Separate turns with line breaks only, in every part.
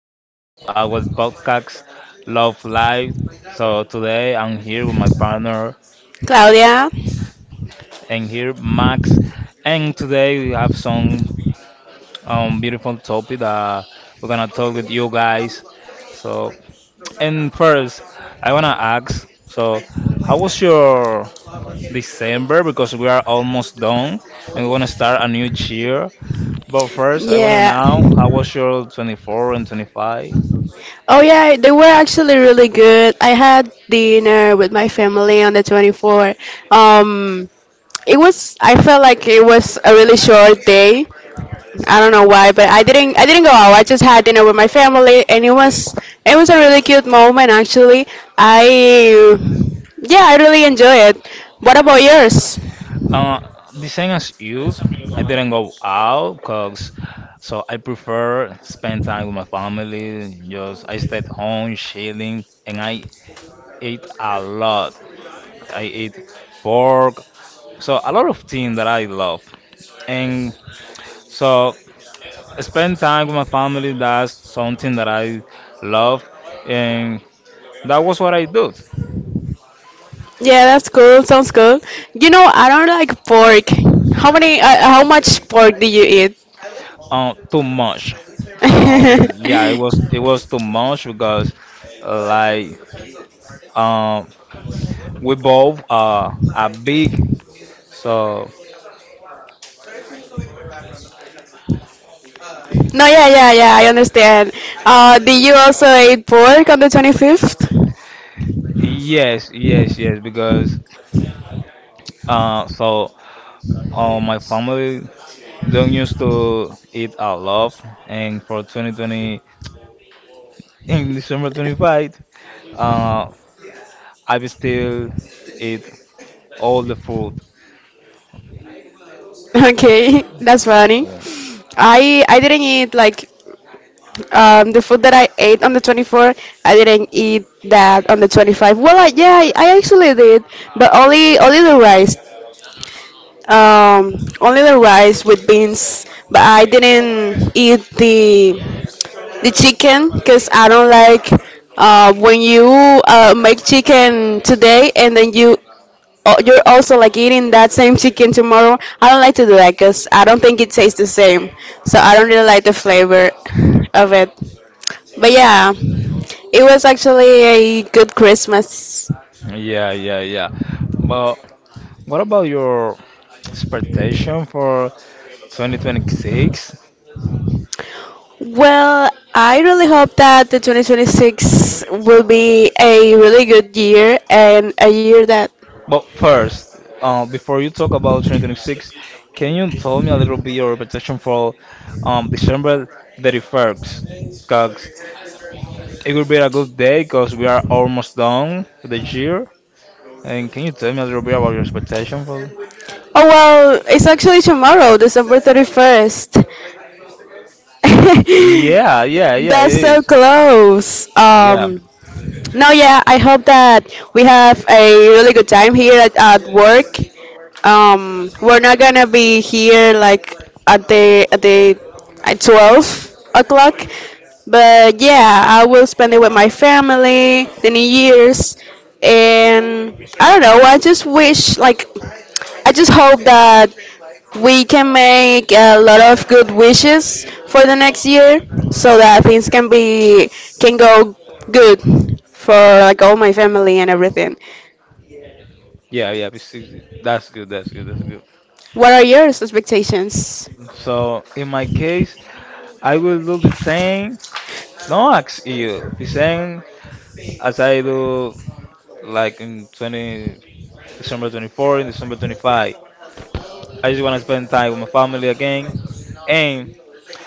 welcome to our podcast, Love Live. So today I'm here with my partner
Claudia.
and here Max, and today we have some beautiful topic that we're gonna talk with you guys. So, and first I wanna ask, so how was your December? Because we are almost done and we wanna start a new year. But first I wanna
Yeah.
know how was your 24 and 25?
Oh, yeah, they were actually really good. I had dinner with my family on the 24th. Um, I felt like it was a really short day. I don't know why, but I didn't go out. I just had dinner with my family, and it was a really cute moment, actually. I, yeah, I really enjoy it. What about yours?
Uh, the same as you, I didn't go out because so I prefer spend time with my family. Just I stayed home chilling, and I ate a lot. I ate pork, so a lot of things that I love. And so spend time with my family. That's something that I love, and that was what I did.
Yeah, that's cool. Sounds cool. I don't like pork. How many? How much pork do you eat?
Too much. Uh, yeah, it was it was too much because, like. Um, we both are big, so
No, yeah, yeah, yeah. I understand. Do you also eat pork on the 25th?
yes, yes, yes. Because so my family don't used to eat a lot, and for 2020 in December 25, uh, I will still eat all the food.
Okay, that's funny.
Okay.
I didn't eat like the food that I ate on the 24th. I didn't eat that on the 25. Well, yeah, I actually did, but only the rice. Um, Only the rice with beans, but I didn't eat the chicken because I don't like when you make chicken today and then you're also like eating that same chicken tomorrow. I don't like to do that because I don't think it tastes the same. So I don't really like the flavor of it. But yeah, it was actually a good Christmas.
Yeah, yeah, yeah. But what about your expectation for 2026?
Well, I really hope that the 2026 will be a really good year and a year that.
But first, before you talk about 2026, can you tell me a little bit your expectation for December 31st? Because it will be a good day because we are almost done with the year. And can you tell me a little bit about your expectation for?
Oh, well, it's actually tomorrow, December 31st.
Yeah, yeah, yeah, it
That's so
is.
close.
Yeah,
No, yeah, I hope that we have a really good time here at work. We're not gonna be here like at the at the at 12 o'clock, but yeah, I will spend it with my family, the New Year's, and I don't know. I just hope that we can make a lot of good wishes for the next year so that things can go good for like all my family and everything.
yeah, yeah. That's good. That's good. That's good.
What are your expectations?
So in my case, I will do the same. No, ask you the same as I do like in 20. December 24 and December 25. I just want to spend time with my family again, and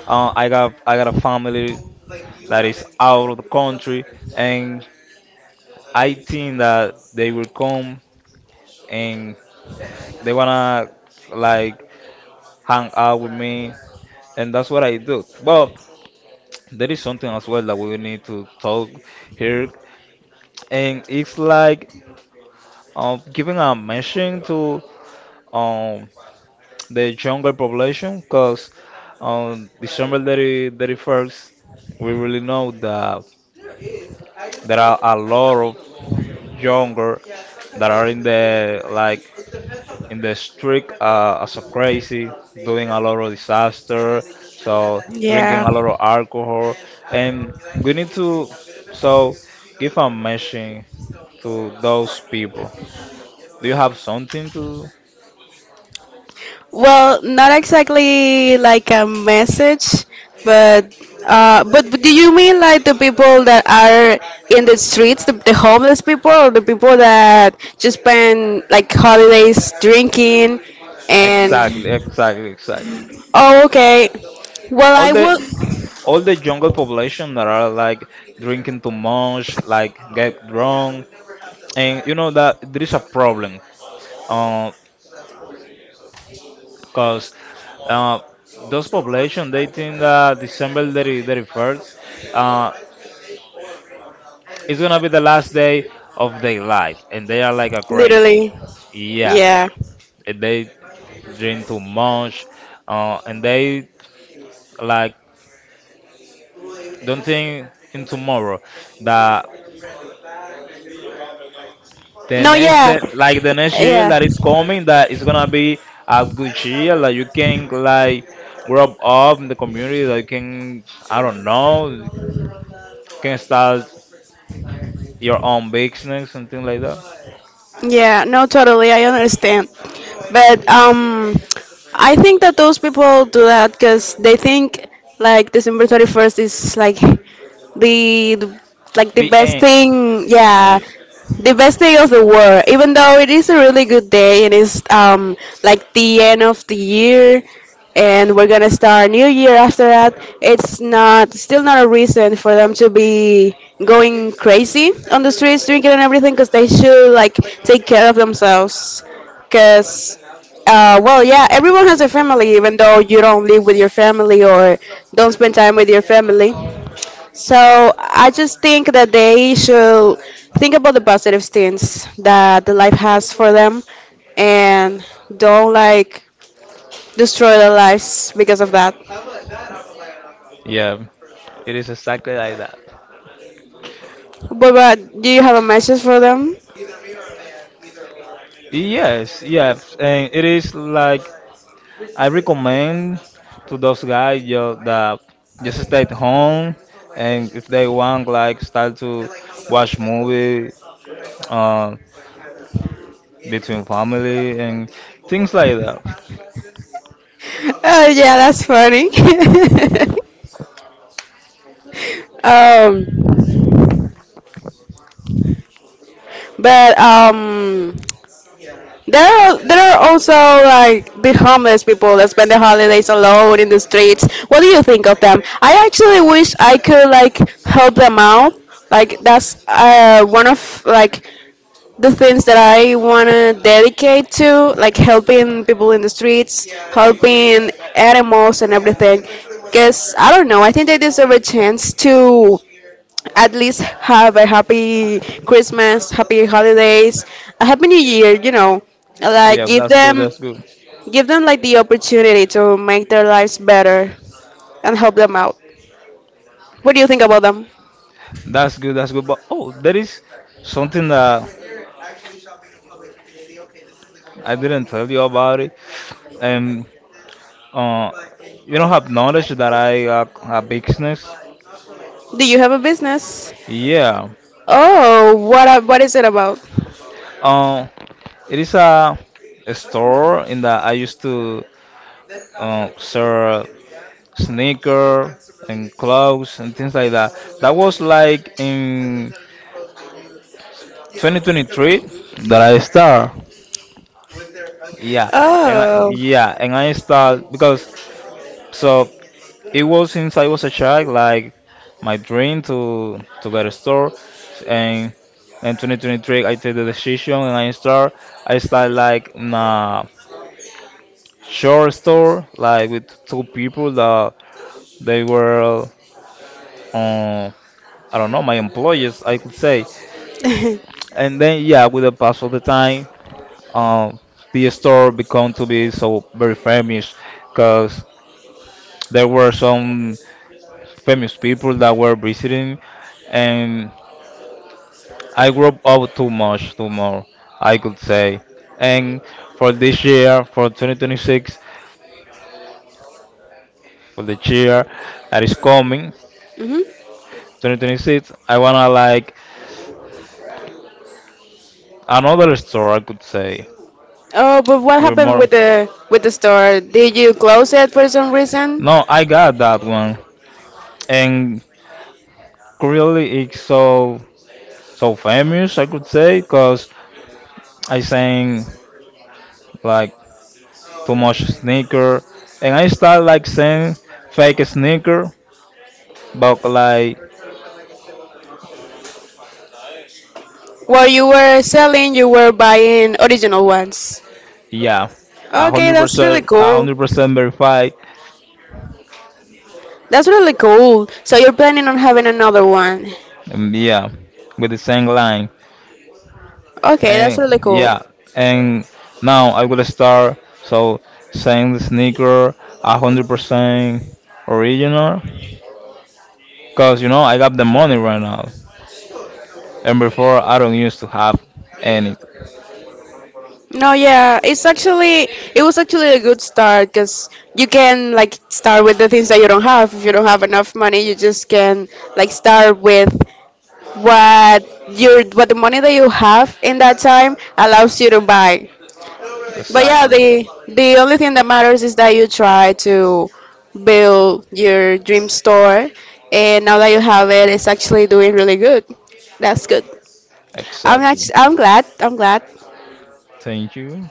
I got a family that is out of the country, and I think that they will come and they wanna like hang out with me, and that's what I do. But there is something as well that we need to talk here, and it's like giving a mention to um the younger population because on December 30, 31st, we really know that there are a lot of younger that are in the like in the street as a crazy, doing a lot of disaster, so drinking
Yeah.
a lot of alcohol, and we need to so give a message to those people. Do you have something to?
Well, not exactly like a message, but but do you mean like the people that are in the streets, the homeless people, or the people that just spend like holidays drinking and?
Exactly, exactly, exactly.
Oh, okay. Well,
all
I
the
would
all the jungle population that are like drinking too much, like get drunk, and you know that there is a problem, because 'cause, uh, those population they think that December 30, 31st uh, is gonna be the last day of their life, and they are like a crazy.
literally.
Yeah,
Yeah.
they drink too much, and they like don't think in tomorrow that the
No,
next
yeah.
that like the next year
Yeah.
that is coming that is gonna be a good year like you can like grow up in the community like can I don't know can start your own business something like that.
Yeah. No, totally. I understand. But I think that those people do that because they think like December 31st is like the, the the
The
best
end.
thing. Yeah,
Yeah.
the best day of the war. Even though it is a really good day, it is like the end of the year, and we're gonna start a new year after that. It's not still not a reason for them to be going crazy on the streets drinking and everything because they should like take care of themselves. Because, well, yeah, everyone has a family, even though you don't live with your family or don't spend time with your family. So I just think that they should think about the positive things that the life has for them, and don't like destroy their lives because of that.
Yeah. It is exactly like that.
But do you have a message for them?
Yes, yes, and it is like I recommend to those guys you that just stay at home and if they want like start to watch movie, um, yeah, between family and things like that.
Oh yeah, that's funny. um, but there are also like the homeless people that spend the holidays alone in the streets. What do you think of them? I actually wish I could like help them out. Like that's one of like the things that I wanna dedicate to, like helping people in the streets, helping animals and everything. Cause I don't know, I think they deserve a chance to at least have a happy Christmas, happy holidays, a happy new year. Like
Yeah, but
give
that's good.
them
That's good.
give them like the opportunity to make their lives better and help them out. What do you think about them?
That's good. That's good. But oh, there is something that I didn't tell you about it, and uh, you don't have knowledge that I got a business.
Do you have a business?
Yeah.
Oh, what is it about?
Um, it is a store in that I used to sell sneaker and clothes and things like that. That was like in 2023 that I start. Yeah, and I,
Oh.
yeah, and I start because so it was since I was a child, like my dream to get a store, and in 2023 I take the decision and I start. I start like nah. Short store like with two people that they were, um, I don't know, my employees, I could say. And then, yeah, with the pass of the time, um, the store become to be so very famous because there were some famous people that were visiting, and I grew up too much, too more, I could say. And for this year, for 2026, for the year that is coming,
Hmm.
2026 I wanna like another store I could say.
Oh, but what
We're
happened
more.
with the store? Did you close it for some reason?
No, I got that one, and really it's so so famous I could say, cause I sang like too much sneaker, and I start like saying fake sneaker, but like
While you were selling, you were buying original ones.
yeah, a
Okay,
hundred
that's really
percent, a
cool.
hundred percent verified,
That's really cool. So you're planning on having another one.
and yeah, with the same line.
Okay, that's
And
really cool.
yeah, and now I will start so saying the sneaker 100% original because you know I got the money right now, and before I don't used to have any.
No, yeah, it was actually a good start because you can like start with the things that you don't have. If you don't have enough money, you just can like start with what what the money that you have in that time allows you to buy. But yeah,
Exactly,
the only thing that matters is that you try to build your dream store, and now that you have it, it's actually doing really good. That's good.
exactly.
I'm glad. I'm glad.
Thank you.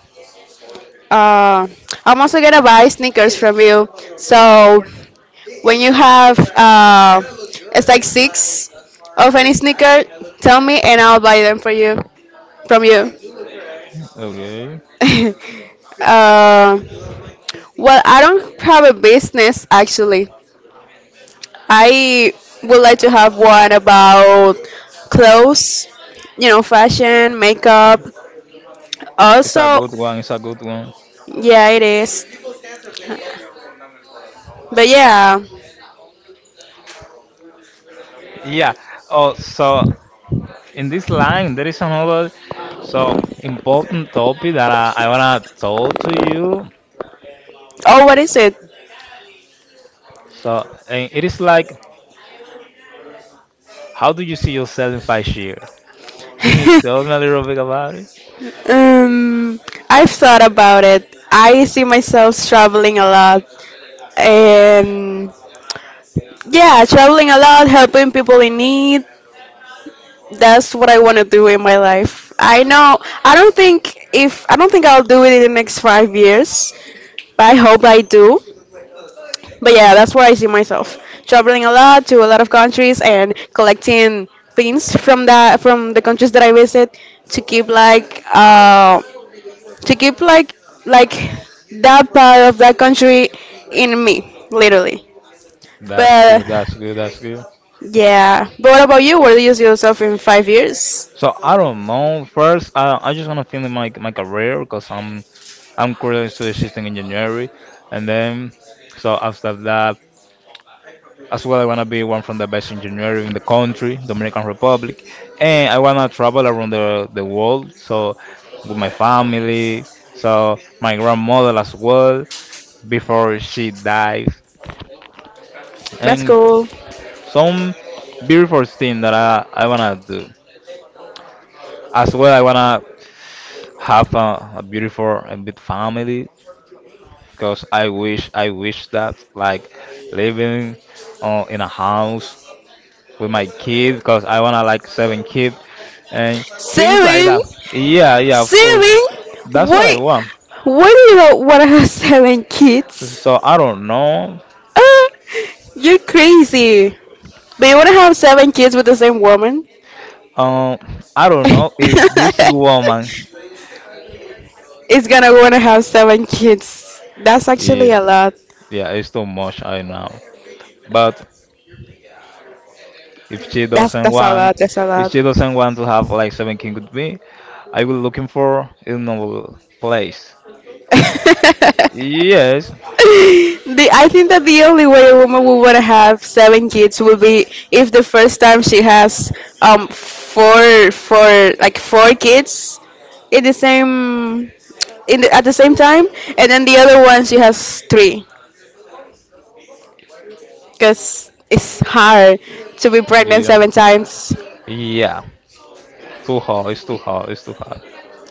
Uh, I'm also gonna buy sneakers from you. So when you have it's like six of any sneaker, tell me and I'll buy them for you from you.
Okay.
uh, well, I don't have a business actually. I would like to have one about clothes, fashion, makeup.
It's a
Also,
good one. It's a good one.
yeah, it is. But yeah.
Yeah. Oh, so in this line, there is another so important topic that I wanna talk to you.
Oh, what is it?
So and it is like, how do you see yourself in 5 years? Can you tell me a little bit about it?
um, I've thought about it. I see myself traveling a lot, and yeah, traveling a lot, helping people in need. That's what I want to do in my life. I know. I don't think I'll do it in the next 5 years, but I hope I do. But yeah, that's where I see myself traveling a lot to a lot of countries and collecting things from the countries that I visit to keep like um to keep like that part of that country in me, literally.
That's
But
good. That's good. That's good.
yeah. But what about you? Where do you see yourself in 5 years?
So I don't know. First, I just wanna finish my career because I'm currently studying system engineering, and then so after that as well, I want to be one from the best engineer in the country, Dominican Republic, and I want to travel around the world. So with my family, so my grandmother as well, before she dies,
That's
and
cool.
some beautiful thing that I wanna do. As well, I wanna have a beautiful and big family because I wish that like living in a house with my kids because I wanna like seven kids and things like
Seven,
that. Yeah, yeah, of course.
seven.
That's what I
Wait,
want.
what do you want to have seven kids?
So I don't know.
Ah, you're crazy. But you want to have seven kids with the same woman?
Um, I don't know if this woman.
it's gonna want to have seven kids. That's actually
Yeah,
a lot.
yeah, it's too much. I know. But if she
That's
doesn't
that's a
want,
lot. That's a
if she
lot.
doesn't want to have like seven kids with me, I will looking for another place.
the,
Yes.
I think that the only way a woman would want to have seven kids would be if the first time she has four kids in the same in the, at the same time, and then the other one she has three because it's hard to be pregnant
Yeah.
seven times.
Yeah. Too hard. It's too hard. It's too hard.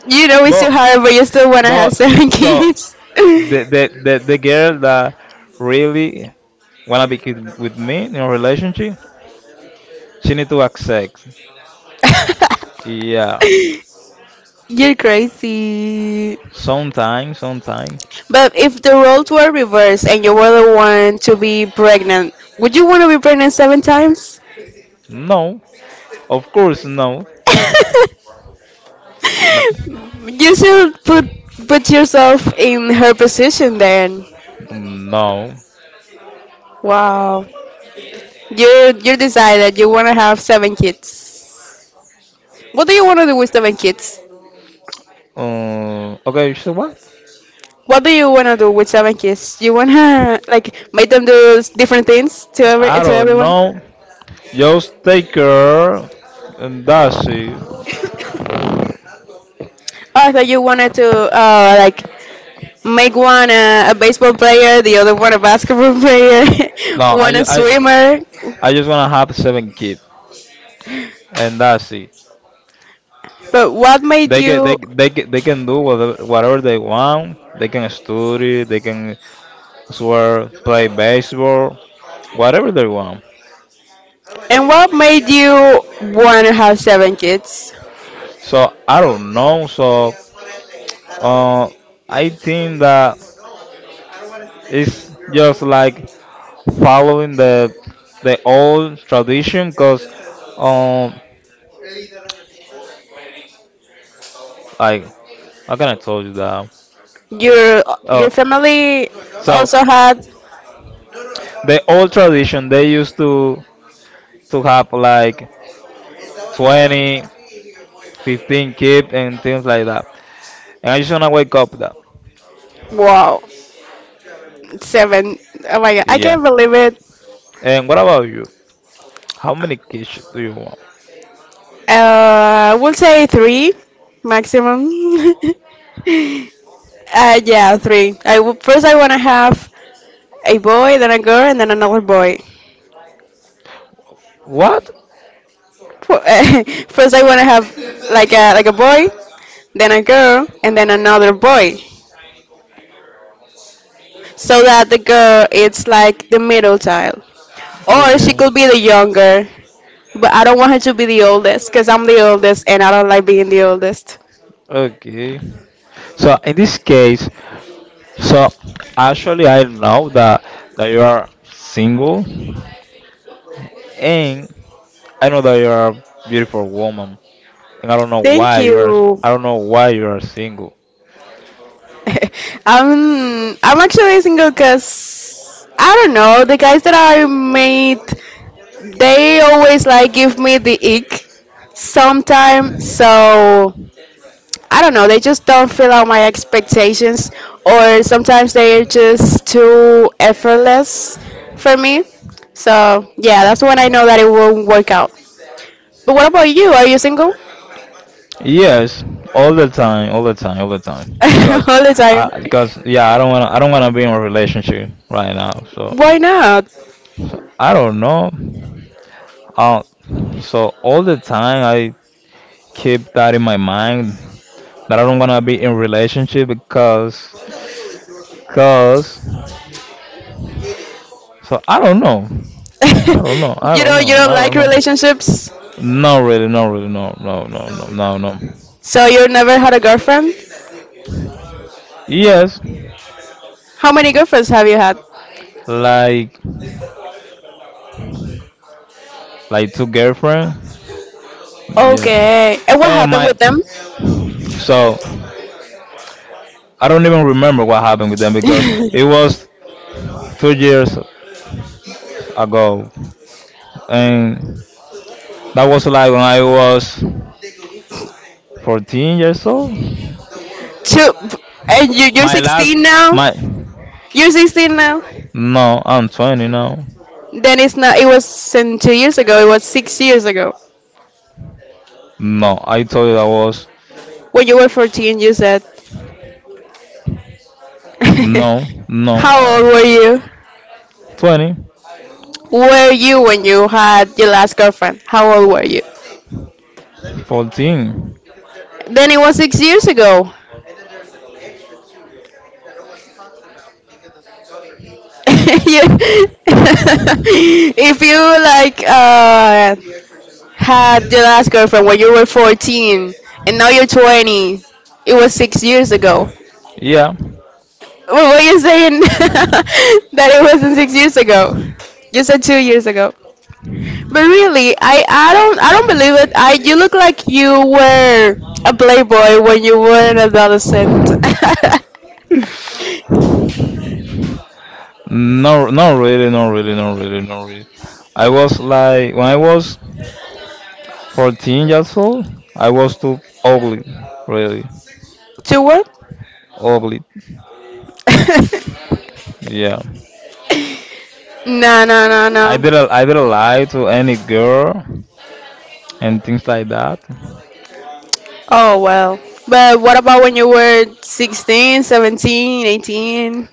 You know it's too
But
hard, but you still want to have
but
seven
so
kids.
the girl that really wanna be with me in a relationship, she need to accept. Yeah.
You're crazy.
Sometime, sometime.
But if the roles were reversed and you were the one to be pregnant, would you want to be pregnant seven times?
No. Of course no. But
You should put yourself in her position then.
no.
Wow. You decide that you want to have seven kids. What do you want to do with seven kids?
Okay, so what?
What do you want to do with seven kids? You want to like make them do different things
I
to
don't
everyone?
know. Just take her and that's it.
Oh, I thought you wanted to like make one a baseball player, the other one a basketball player,
No, I,
one a
ju- I,
swimmer.
I just wanna have seven kids and that's it.
But what made
They can they
you
they get, they can do whatever, whatever they want. They can study. They can swear, play baseball, whatever they want.
and What made you want to have seven kids?
So I don't know. So uh, I think that it's just like following the old tradition because um like how can I told you that?
Your
Oh,
your family
so
also had.
the old tradition they used to have like 20 15 kids and things like that. And I just wanna wake up with that.
Wow. Seven. Oh my god, I
Yeah.
can't believe it.
And what about you? How many kids do you want?
We'll say three maximum. Yeah, three. First I want to have a boy, then a girl, and then another boy.
What?
For- First, I want to have like a boy, then a girl, and then another boy, so that the girl is like the middle child, or she
Okay.
could be the younger. But I don't want her to be the oldest, cause I'm the oldest, and I don't like being the oldest.
Okay. So in this case, so actually I know that you are single and I know that you are a beautiful woman and I don't know
Thank
why you are
you.
I don't know why you are single.
I'm actually single because I don't know the guys that I meet they always like give me the ick sometime so I don't know, they just don't fill out my expectations, or sometimes they're just too effortless for me. So, yeah, that's when I know that it won't work out. But what about you? Are you single?
Yes, all the time, all the time, all the time. Cause,
All the time.
yeah, I don't wanna be in a relationship right now. So,
Why not?
so I don't know. Uh, so all the time I keep that in my mind that I don't wanna be in relationship because, cause, so I don't know. I don't know. I
You
don't
know, you
know.
don't
I
like
don't know.
relationships,
Not really. Not really. No. No. No. No. No. No.
so you never had a girlfriend?
Yes,
How many girlfriends have you had?
like, like two girlfriend. Yeah.
Okay. And what
And
happened
my
with them?
So I don't even remember what happened with them because it was 2 years ago, and that was like when I was 14 years old.
Two. And you're
My last,
16 now?
my
You're 16 now?
no, I'm 20 now.
Then it's not. It wasn't 2 years ago. It was 6 years ago.
No, I told you I was
When you were 14, you said.
no, no,
How old were you?
20,
Were you when you had your last girlfriend? How old were you?
14.
Then it was 6 years ago. You- if you like had your last girlfriend when you were 14 and now you're 20, it was 6 years ago.
Yeah,
What were you saying that it wasn't 6 years ago? You said 2 years ago. But really, I don't believe it. I You look like you were a playboy when you were an adolescent.
no, not really, not really, not really, not really. I was like when I was 14 years old, I was too ugly, really
To what?
ugly. Yeah,
No, no, no,
I
no.
didn't I didn't lie to any girl and things like that.
Oh well. But what about when you were 16, 17, 18?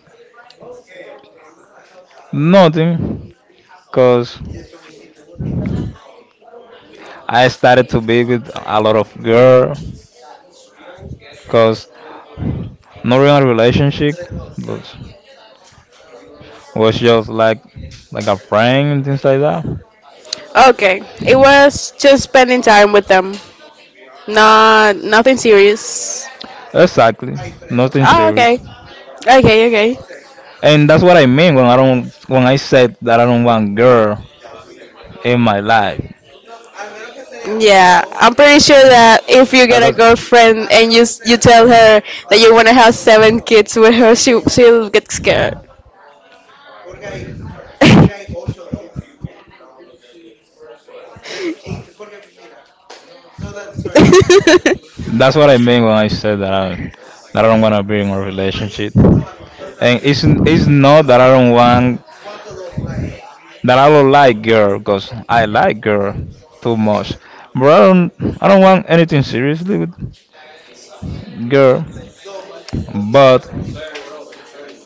Nothing, cause I started to be with a lot of girl, cause no real relationship was was just like a friend and things like that.
Okay. It was just spending time with them. Not nothing serious.
Exactly, nothing
Oh,
serious.
okay. Okay, okay.
And that's what I mean when I said that I don't want girl in my life.
Yeah, I'm pretty sure that if you get a
Because
girlfriend and you tell her that you want to have seven kids with her, she'll get scared.
that's what I mean when I said that I don't want to be in a relationship. And it's not that I don't like girl because I like girl too much. But I don't want anything seriously with girl. But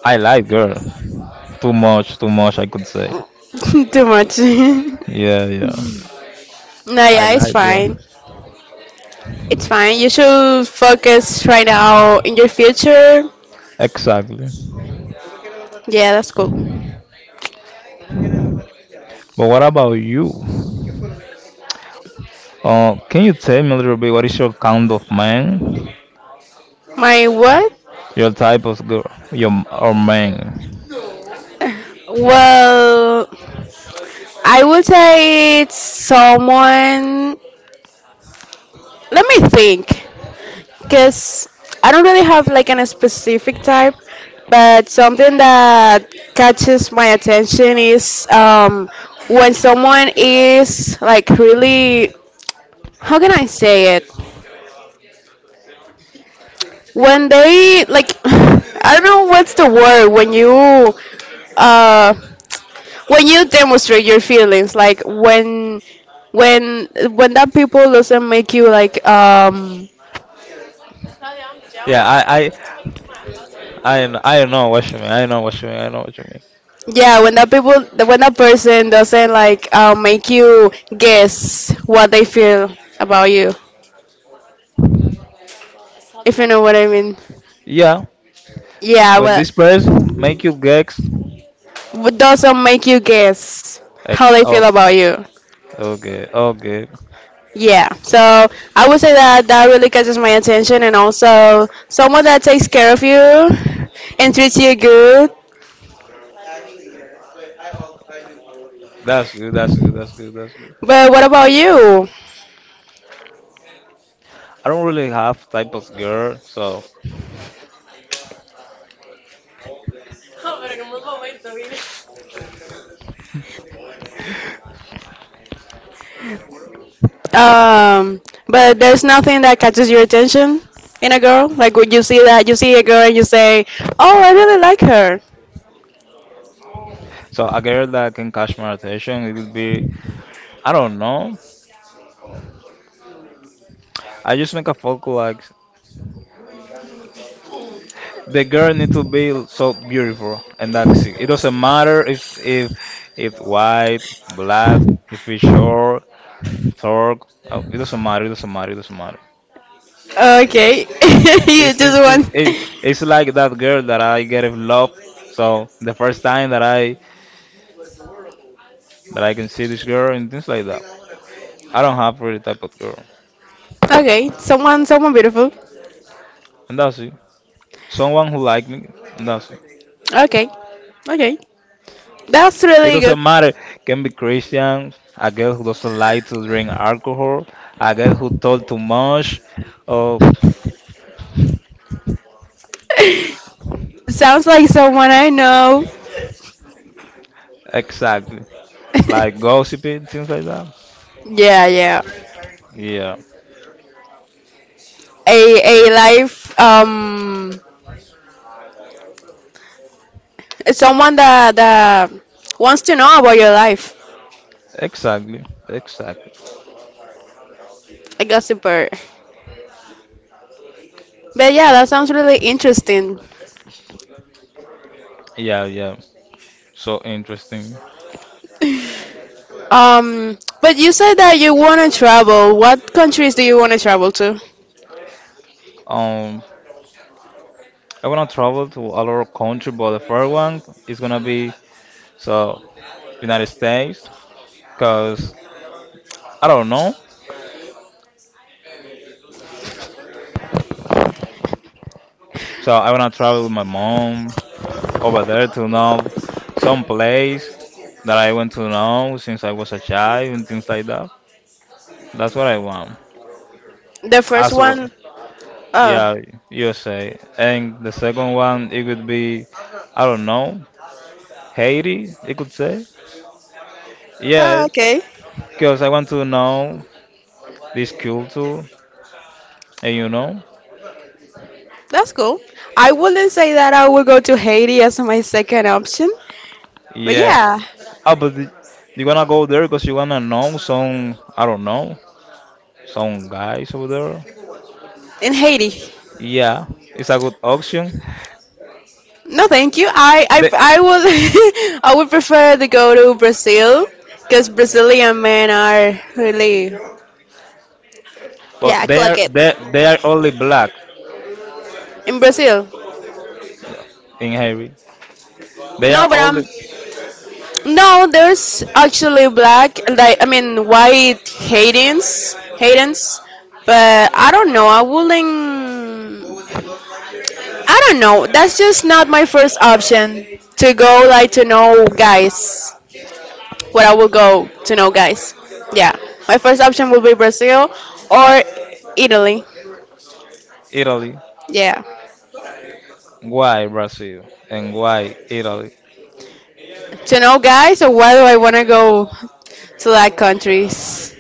I like girl too much I could say.
Too much.
Yeah, yeah.
No,
I
yeah, it's
like
fine.
girl.
It's fine. You should focus right now in your future.
Exactly.
Yeah, that's cool.
But what about you? Can you tell me a little bit what is your kind of man?
My what?
Your type of girl, your or man.
Well, I would say it's someone. Let me think, because I don't really have like a specific type, but something that catches my attention is when someone is like really, how can I say it? When they like, I don't know what's the word uh, when you demonstrate your feelings, like when when that people doesn't make you like
Yeah, I, I know what you mean. I know what you mean. I know what you mean.
Yeah, when that person doesn't like make you guess what they feel about you, if you know what I mean.
Yeah,
Yeah,
when
but
this person make you gex,
doesn't make you guess how
ex,
they feel
oh,
about you.
okay, okay.
Yeah, so I would say that that really catches my attention, and also someone that takes care of you and treats you good.
That's good. That's good. That's good. That's good.
But what about you?
I don't really have type of girl, so
Um, but there's nothing that catches your attention in a girl. Like would you see that you see a girl and you say, "Oh, I really like her."
a girl that can catch my attention, it would be, I don't know. I just make a focus like the girl need to be so beautiful and that's it. It doesn't matter if white, black, if it's short, tall. It doesn't matter. It doesn't matter. It doesn't matter.
Okay, you
It's it's
just
it's,
want.
it- it's like that girl that I get in love. So the first time that I can see this girl and things like that. I don't have really type of girl,
Okay, someone beautiful.
and that's it. Someone who like me, and that's it.
Okay, okay, that's
It
really
doesn't
good.
matter. Can be Christian, a girl who doesn't like to drink alcohol, a girl who talk too much, or
Sounds like someone I know.
exactly, like gossiping, things like that.
Yeah, yeah.
Yeah,
A life. Someone that wants to know about your life.
exactly, exactly.
A gossiper. But yeah, that sounds really interesting.
Yeah, yeah. So interesting.
But you said that you want to travel. What countries do you want to travel to?
Um, I wanna travel to a lot of country, but the first one is gonna be so United States, cause I don't know. So I wanna travel with my mom, over there to know some place that I want to know since I was a child and things like that. That's what I want.
The first
As
one,
well,
one. Oh,
yeah, USA. And the second one, it could be, I don't know, Haiti, it could say.
oh,
Yes,
okay,
because I want to know this culture, and you know,
that's cool. I wouldn't say that I would go to Haiti as my second option, but
yeah.
yeah,
Ah, but the- you wanna go there because you wanna know some, I don't know, some guys over there.
in Haiti.
Yeah, it's a good option.
No, thank you. I would I would prefer to go to Brazil because Brazilian men are really. Yeah,
But
clock it.
they are only black
In Brazil.
in Haiti. They
No,
are
but I'm.
only
No, there's actually black, like I mean white Haydens, but I don't know. I wouldn't. I don't know. That's just not my first option to go like to know guys. Where I will go to know guys. Yeah, my first option will be Brazil or Italy.
Italy.
Yeah,
Why Brazil and why Italy?
to know guys. Or why do I wanna go to like countries?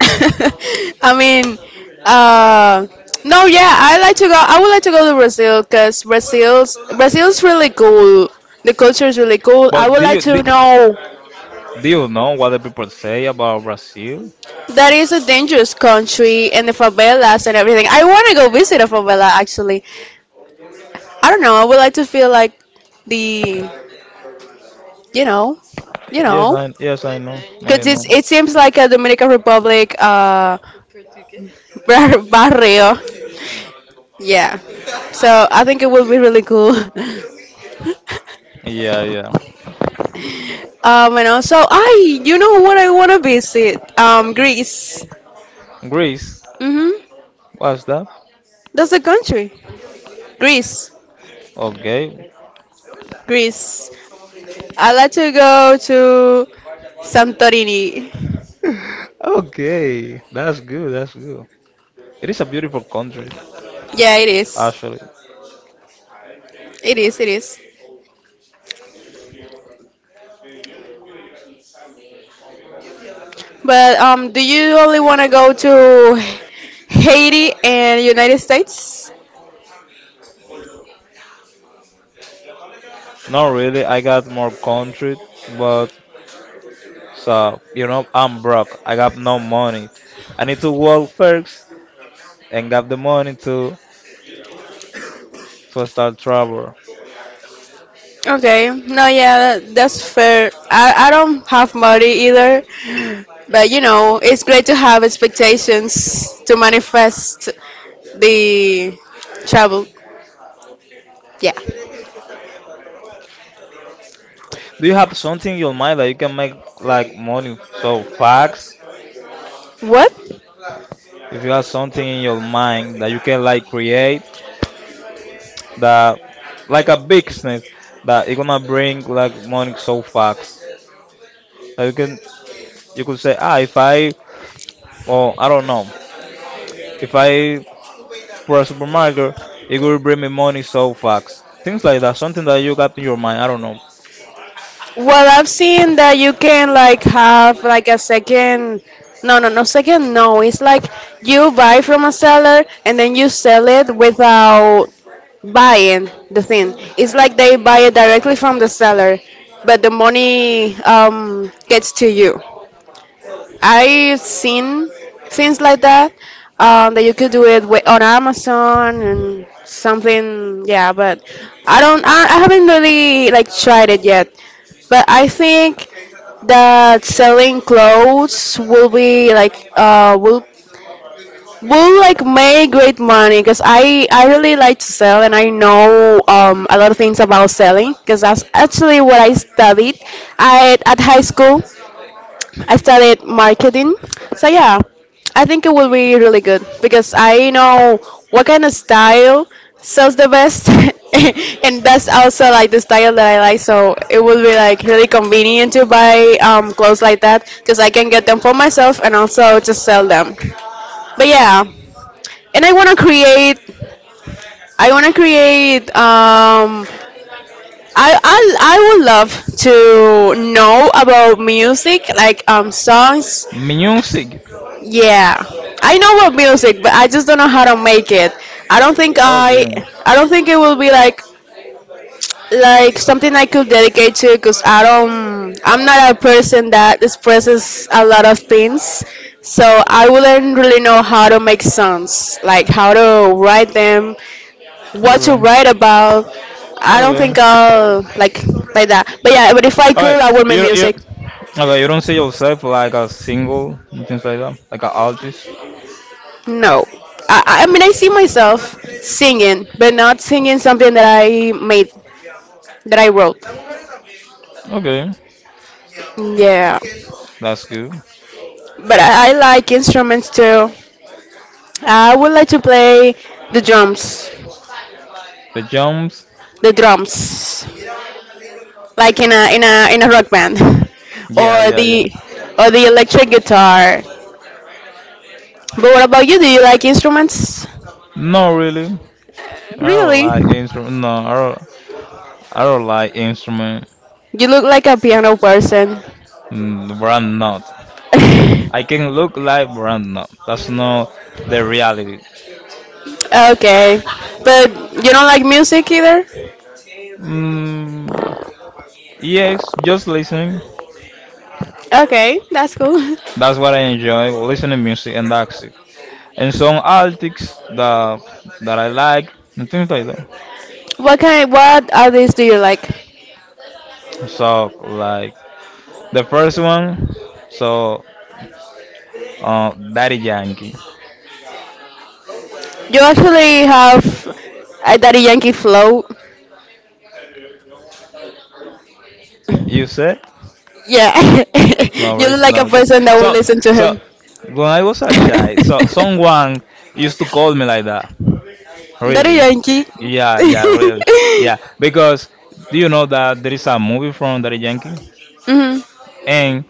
I mean, uh, no, yeah, I would like to go to Brazil because Brazil's really cool. The culture is really cool. I
But
would
do
like
you do,
to know
do you know what the people say about Brazil?
that is a dangerous country and the favelas and everything. I want to go visit a favela actually. I don't know. I would like to feel like the you know you know
Yes I know I
because
know.
it seems like a Dominican Republic barrio. Yeah. So I think it will be really cool.
Yeah, yeah.
And also, you know what I want to visit? Greece.
Greece.
Mm-hmm.
What's that?
That's the country. Greece.
Okay.
Greece. I like to go to Santorini.
okay, that's good. That's good. It is a beautiful country,
Yeah, it is.
actually.
It is. It is. But do you only want to go to Haiti and United States?
Not really. I got more country, but you know, I'm broke. I got no money. I need to work first and get the money to start trouble.
Okay. No, yeah, that's fair. I don't have money either, but it's great to have expectations to manifest the travel. Yeah.
Do you have something in your mind that you can make like money? So facts.
What?
If you have something in your mind that you can like create that like a business that it gonna bring like money so fast. That you can you could say ah if I or I don't know if I for a supermarket, it could bring me money so fast. Things like that, something that you got in your mind. I don't know.
Well, I've seen that you can like have like a second. No, no, no, second. No, it's like you buy from a seller and then you sell it without buying the thing. It's like they buy it directly from the seller, but the money gets to you. I've seen things like that that you could do it on Amazon and something. Yeah, but I don't. I haven't really like tried it yet. But I think that selling clothes will be like will like make great money because I really like to sell and I know a lot of things about selling because that's actually what I studied at high school. I studied marketing. So yeah, I think it will be really good because I know what kind of style sells the best, and that's also like the style that I like. So it will be like really convenient to buy clothes like that because I can get them for myself and also just sell them. But yeah, and I want to create. I want to create. I, I I would love to know about music, like songs.
Music.
Yeah, I know about music, but I just don't know how to make it. I don't think I,
Okay.
I don't think it will be like something I could dedicate to, cause I'm not a person that expresses a lot of things, so I wouldn't really know how to make songs, like how to write them, what to write
Okay.
about. I don't
Okay.
think I'll like that. But yeah, but if I
All right.
could, I would make
You you.
music.
Okay. You don't see yourself like a single and things like that, like an artist.
No. I mean, I see myself singing, but not singing something that I made, that I wrote.
Okay.
Yeah.
That's good.
But I like instruments too. I would like to play the drums,
The jumps.
the drums, like in a rock band,
Yeah. Yeah. Yeah.
or the electric guitar. But what about you? Do you like instruments?
No, really. I don't
Really?
like instrument. No, I don't. I don't like instrument.
You look like a piano person.
Mm, but I'm not. I can look like Brandon. That's not the reality.
Okay, but you don't like music either.
Mm, yes, just listening.
Okay, that's cool.
That's what I enjoy, listening music and that's it. And some artists that I like and things like that.
What kind? What artists do you like?
So like the first one, so Daddy Yankee.
You actually have a Daddy Yankee flow.
You said
Yeah,
no,
you look
worries,
like a
no. Because
person that will
so
listen to
so
him.
when I was a child, so someone used to call me like that.
Daddy
Really?
Yankee.
Yeah, yeah, really. Yeah, because do you know that there is a movie from Daddy Yankee?
Hmm.
And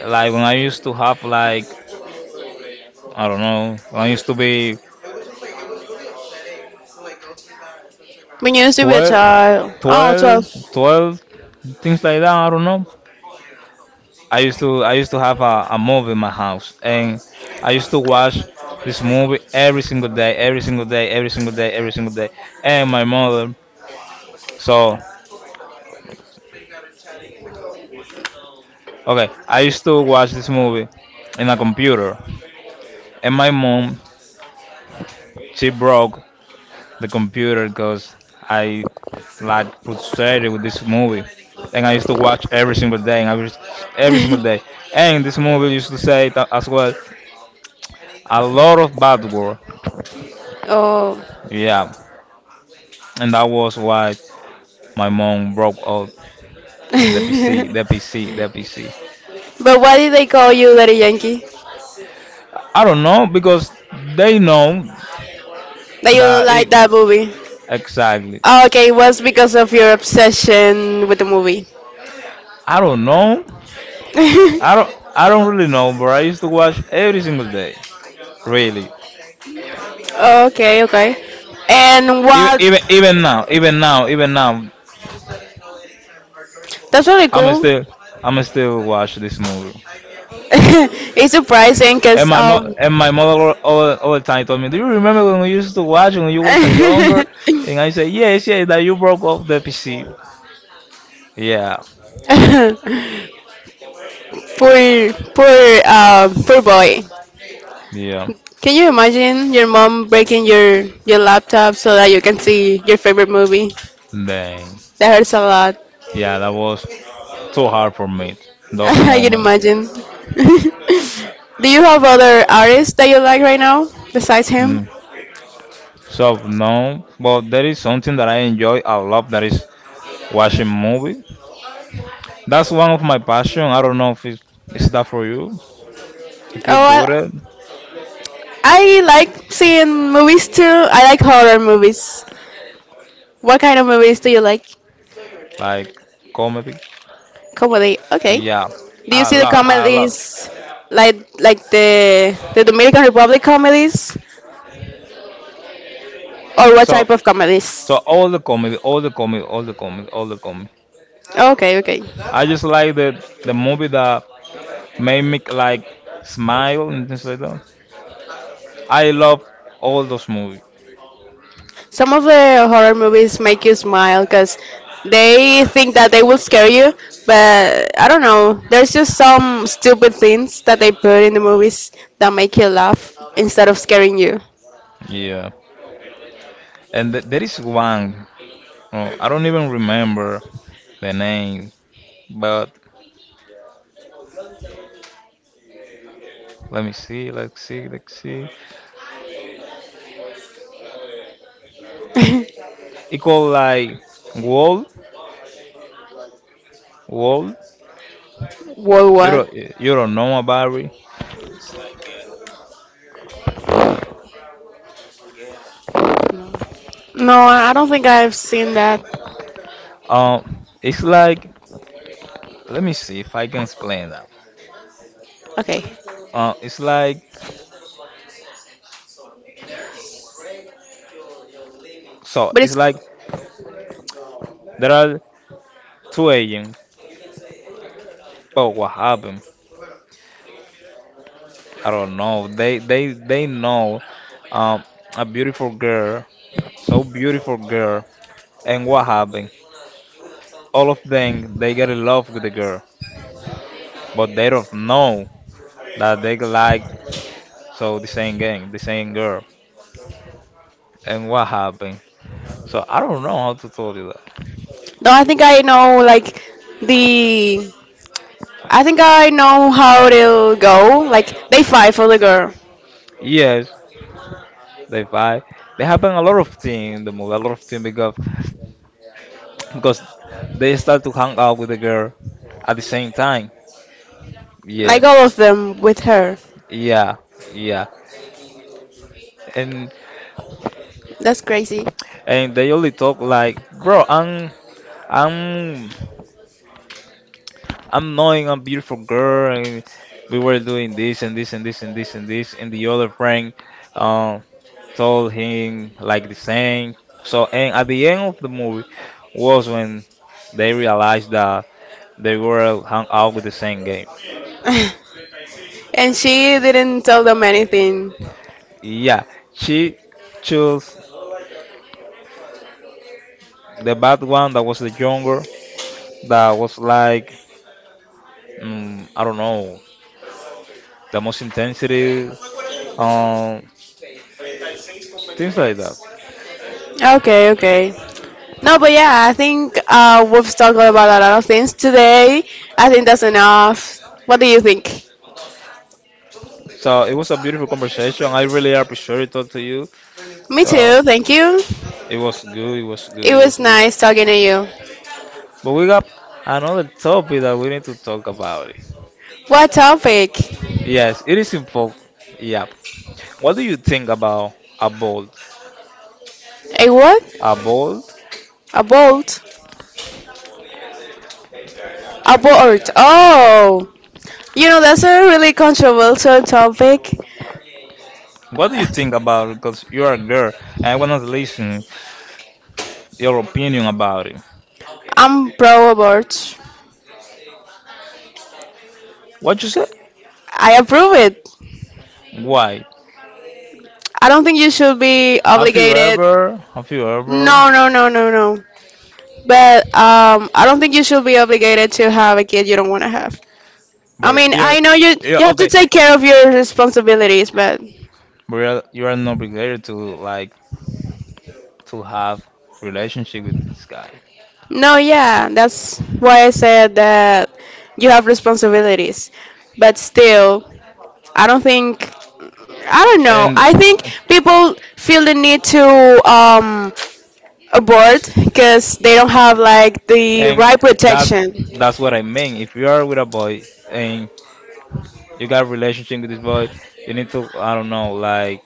like when I used to have like I don't know, when I used to be
When you used to be a
12,
child. Oh, 12.
12, 12, things like that, I don't know. I used to have a movie in my house and I used to watch this movie every single day, every single day, every single day, every single day. And my mother so okay, I used to watch this movie in a computer. And my mom, she broke the computer because I like frustrated with this movie. And I used to watch every single day, and I was every single day. And this movie used to say it as well a lot of bad word.
Oh.
Yeah, and that was why my mom broke out the PC, the PC, the PC.
But why did they call you Daddy Yankee?
I don't know because they know
That you
that it
like that movie?
exactly.
Oh, okay, was because of your obsession with the movie.
I don't know. I don't really know, but I used to watch every single day. Really.
Okay, okay. And
even
what?
even even now, even now, even now,
That's really
I'm
cool.
still I'm still watch this movie.
It's surprising because
And my mother all the time told me, "Do you remember when we used to watch when you were so younger?" And I said, "Yes, yes, that you broke off the PC." Yeah,
poor poor Poor boy.
yeah,
Can you imagine your mom breaking your laptop so that you can see your favorite movie?
dang,
That hurts a lot.
yeah, that was too hard for me. Those
I can
moments.
imagine. Do you have other artists that you like right now besides him?
Mm. So no, but there is something that I enjoy a lot. That is watching movie. That's one of my passion. I don't know if it's, is that for you.
Oh,
If you do
I,
it
I like seeing movies too. I like horror movies. What kind of movies do you like?
like comedy,
Comedy. Okay.
yeah,
Do you
I
see the
love, I love.
comedies like the Dominican Republic comedies or what
So,
type of comedies?
so all the comedy, all the comedy, all the comedy, all the comedy.
Okay, okay.
I just like the movie that made me like smile and things like that. I love all those movies.
Some of the horror movies make you smile because they think that they will scare you, but I don't know. There's just some stupid things that they put in the movies that make you laugh instead of scaring you.
Yeah, and there is one. Oh, I don't even remember the name, but let me see, let's see, let's see. It called like Wall, Wall.
Whoa, what?
You don't know about it.
No. No, I don't think I've seen that.
It's like let me see if I can explain that.
Okay.
It's like so
But
it's
it's
like there are two agents, but what happened? I don't know. They know um a beautiful girl, so beautiful girl, and what happened? All of them they get in love with the girl, but they don't know that they like the same gang, the same girl, and what happened? So I don't know how to tell you that.
no, the I think I know how it'll go. Like they fight for the girl.
Yes, they fight. They happen a lot of things in the movie, a lot of things because they start to hang out with the girl at the same time.
Like
Yeah,
all of them with her.
yeah, yeah. And
That's crazy.
and they only talk like, bro, I'm I'm knowing a beautiful girl, and we were doing this and this and this and this and this, and the other friend um, told him like the same. So, and at the end of the movie was when they realized that they were hung out with the same game.
And she didn't tell them anything.
Yeah, she chose the bad one that was the younger, that was like, mm, I don't know, the most intensity, um, things like that.
Okay, okay. No, but yeah, I think we've talked about a lot of things today. I think that's enough. What do you think?
So it was a beautiful conversation. I really appreciate it all to you.
Me
So
too, thank you.
it was good. It was good.
It
It
was
was good.
nice talking to you.
But we got another topic that we need to talk about. It.
What topic?
Yes, it is important. Yeah. What do you think about a bold?
A what?
A bold?
A boat? A boat. Oh, you know that's a really controversial topic.
What do you think about it? Because you're a girl and I want to listen your opinion about it.
I'm pro abort.
What you say?
I approve it.
Why?
I don't think you should be
Have you
obligated.
ever? Have you ever?
No, no, no, no, no. But I don't think you should be obligated to have a kid you don't want to have. I
But
mean, I know you
you're
have to
okay.
take care of your responsibilities, but
But you're not obligated to like to have relationship with this guy.
no, yeah, that's why I said that you have responsibilities. But still, I don't think I don't know.
and
I think people feel the need to abort because they don't have like the
and
right
that's
protection.
that's what I mean. If you are with a boy and you got relationship with this boy, you need to I don't know like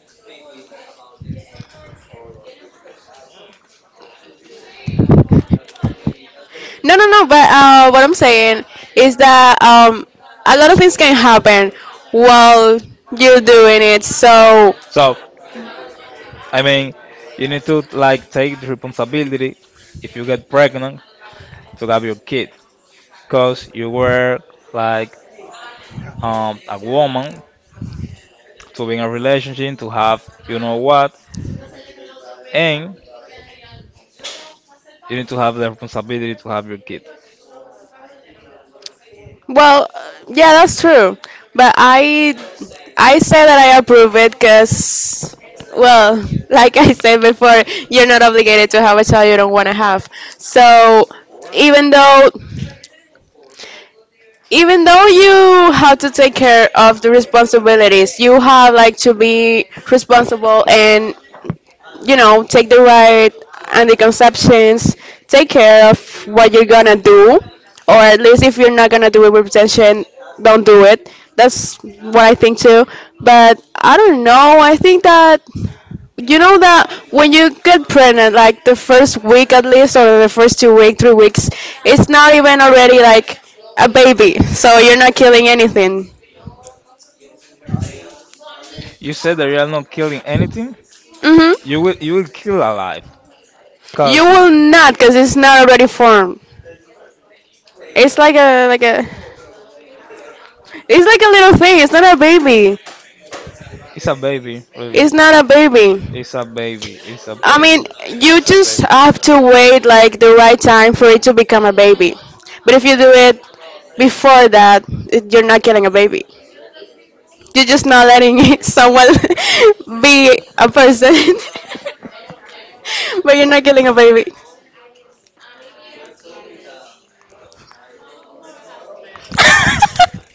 No, no, no. But what I'm saying is that a lot of things can happen while you're doing it. So
so. I mean, you need to like take the responsibility if you get pregnant to have your kid, cause you were like a woman to be in a relationship, to have you know what, and you need to have the responsibility to have your kid.
well, yeah, that's true. But I say that I approve it because, well, like I said before, you're not obligated to have a child you don't want to have. So even though you have to take care of the responsibilities, you have like to be responsible and take the right anticonceptions, take care of what you're gonna do, or at least if you're not gonna do it with protection, don't do it. That's what I think too. But I don't know. I think that you know that when you get pregnant, like the first week at least, or the first 2 week, 3 weeks, it's not even already like a baby. So you're not killing anything.
You said that you are not killing anything. You
Mhm.
will you will kill a life,
You
cause
will not, cause it's not already formed. It's like a like a It's like a little thing. It's not a baby.
it's a baby,
It's
really.
not a baby.
It's a baby. It's a
I
baby.
mean, you
It's a
just
baby.
have to wait like the right time for it to become a baby. But if you do it before that, you're not getting a baby. You're just not letting someone be a person, but you're not getting a baby.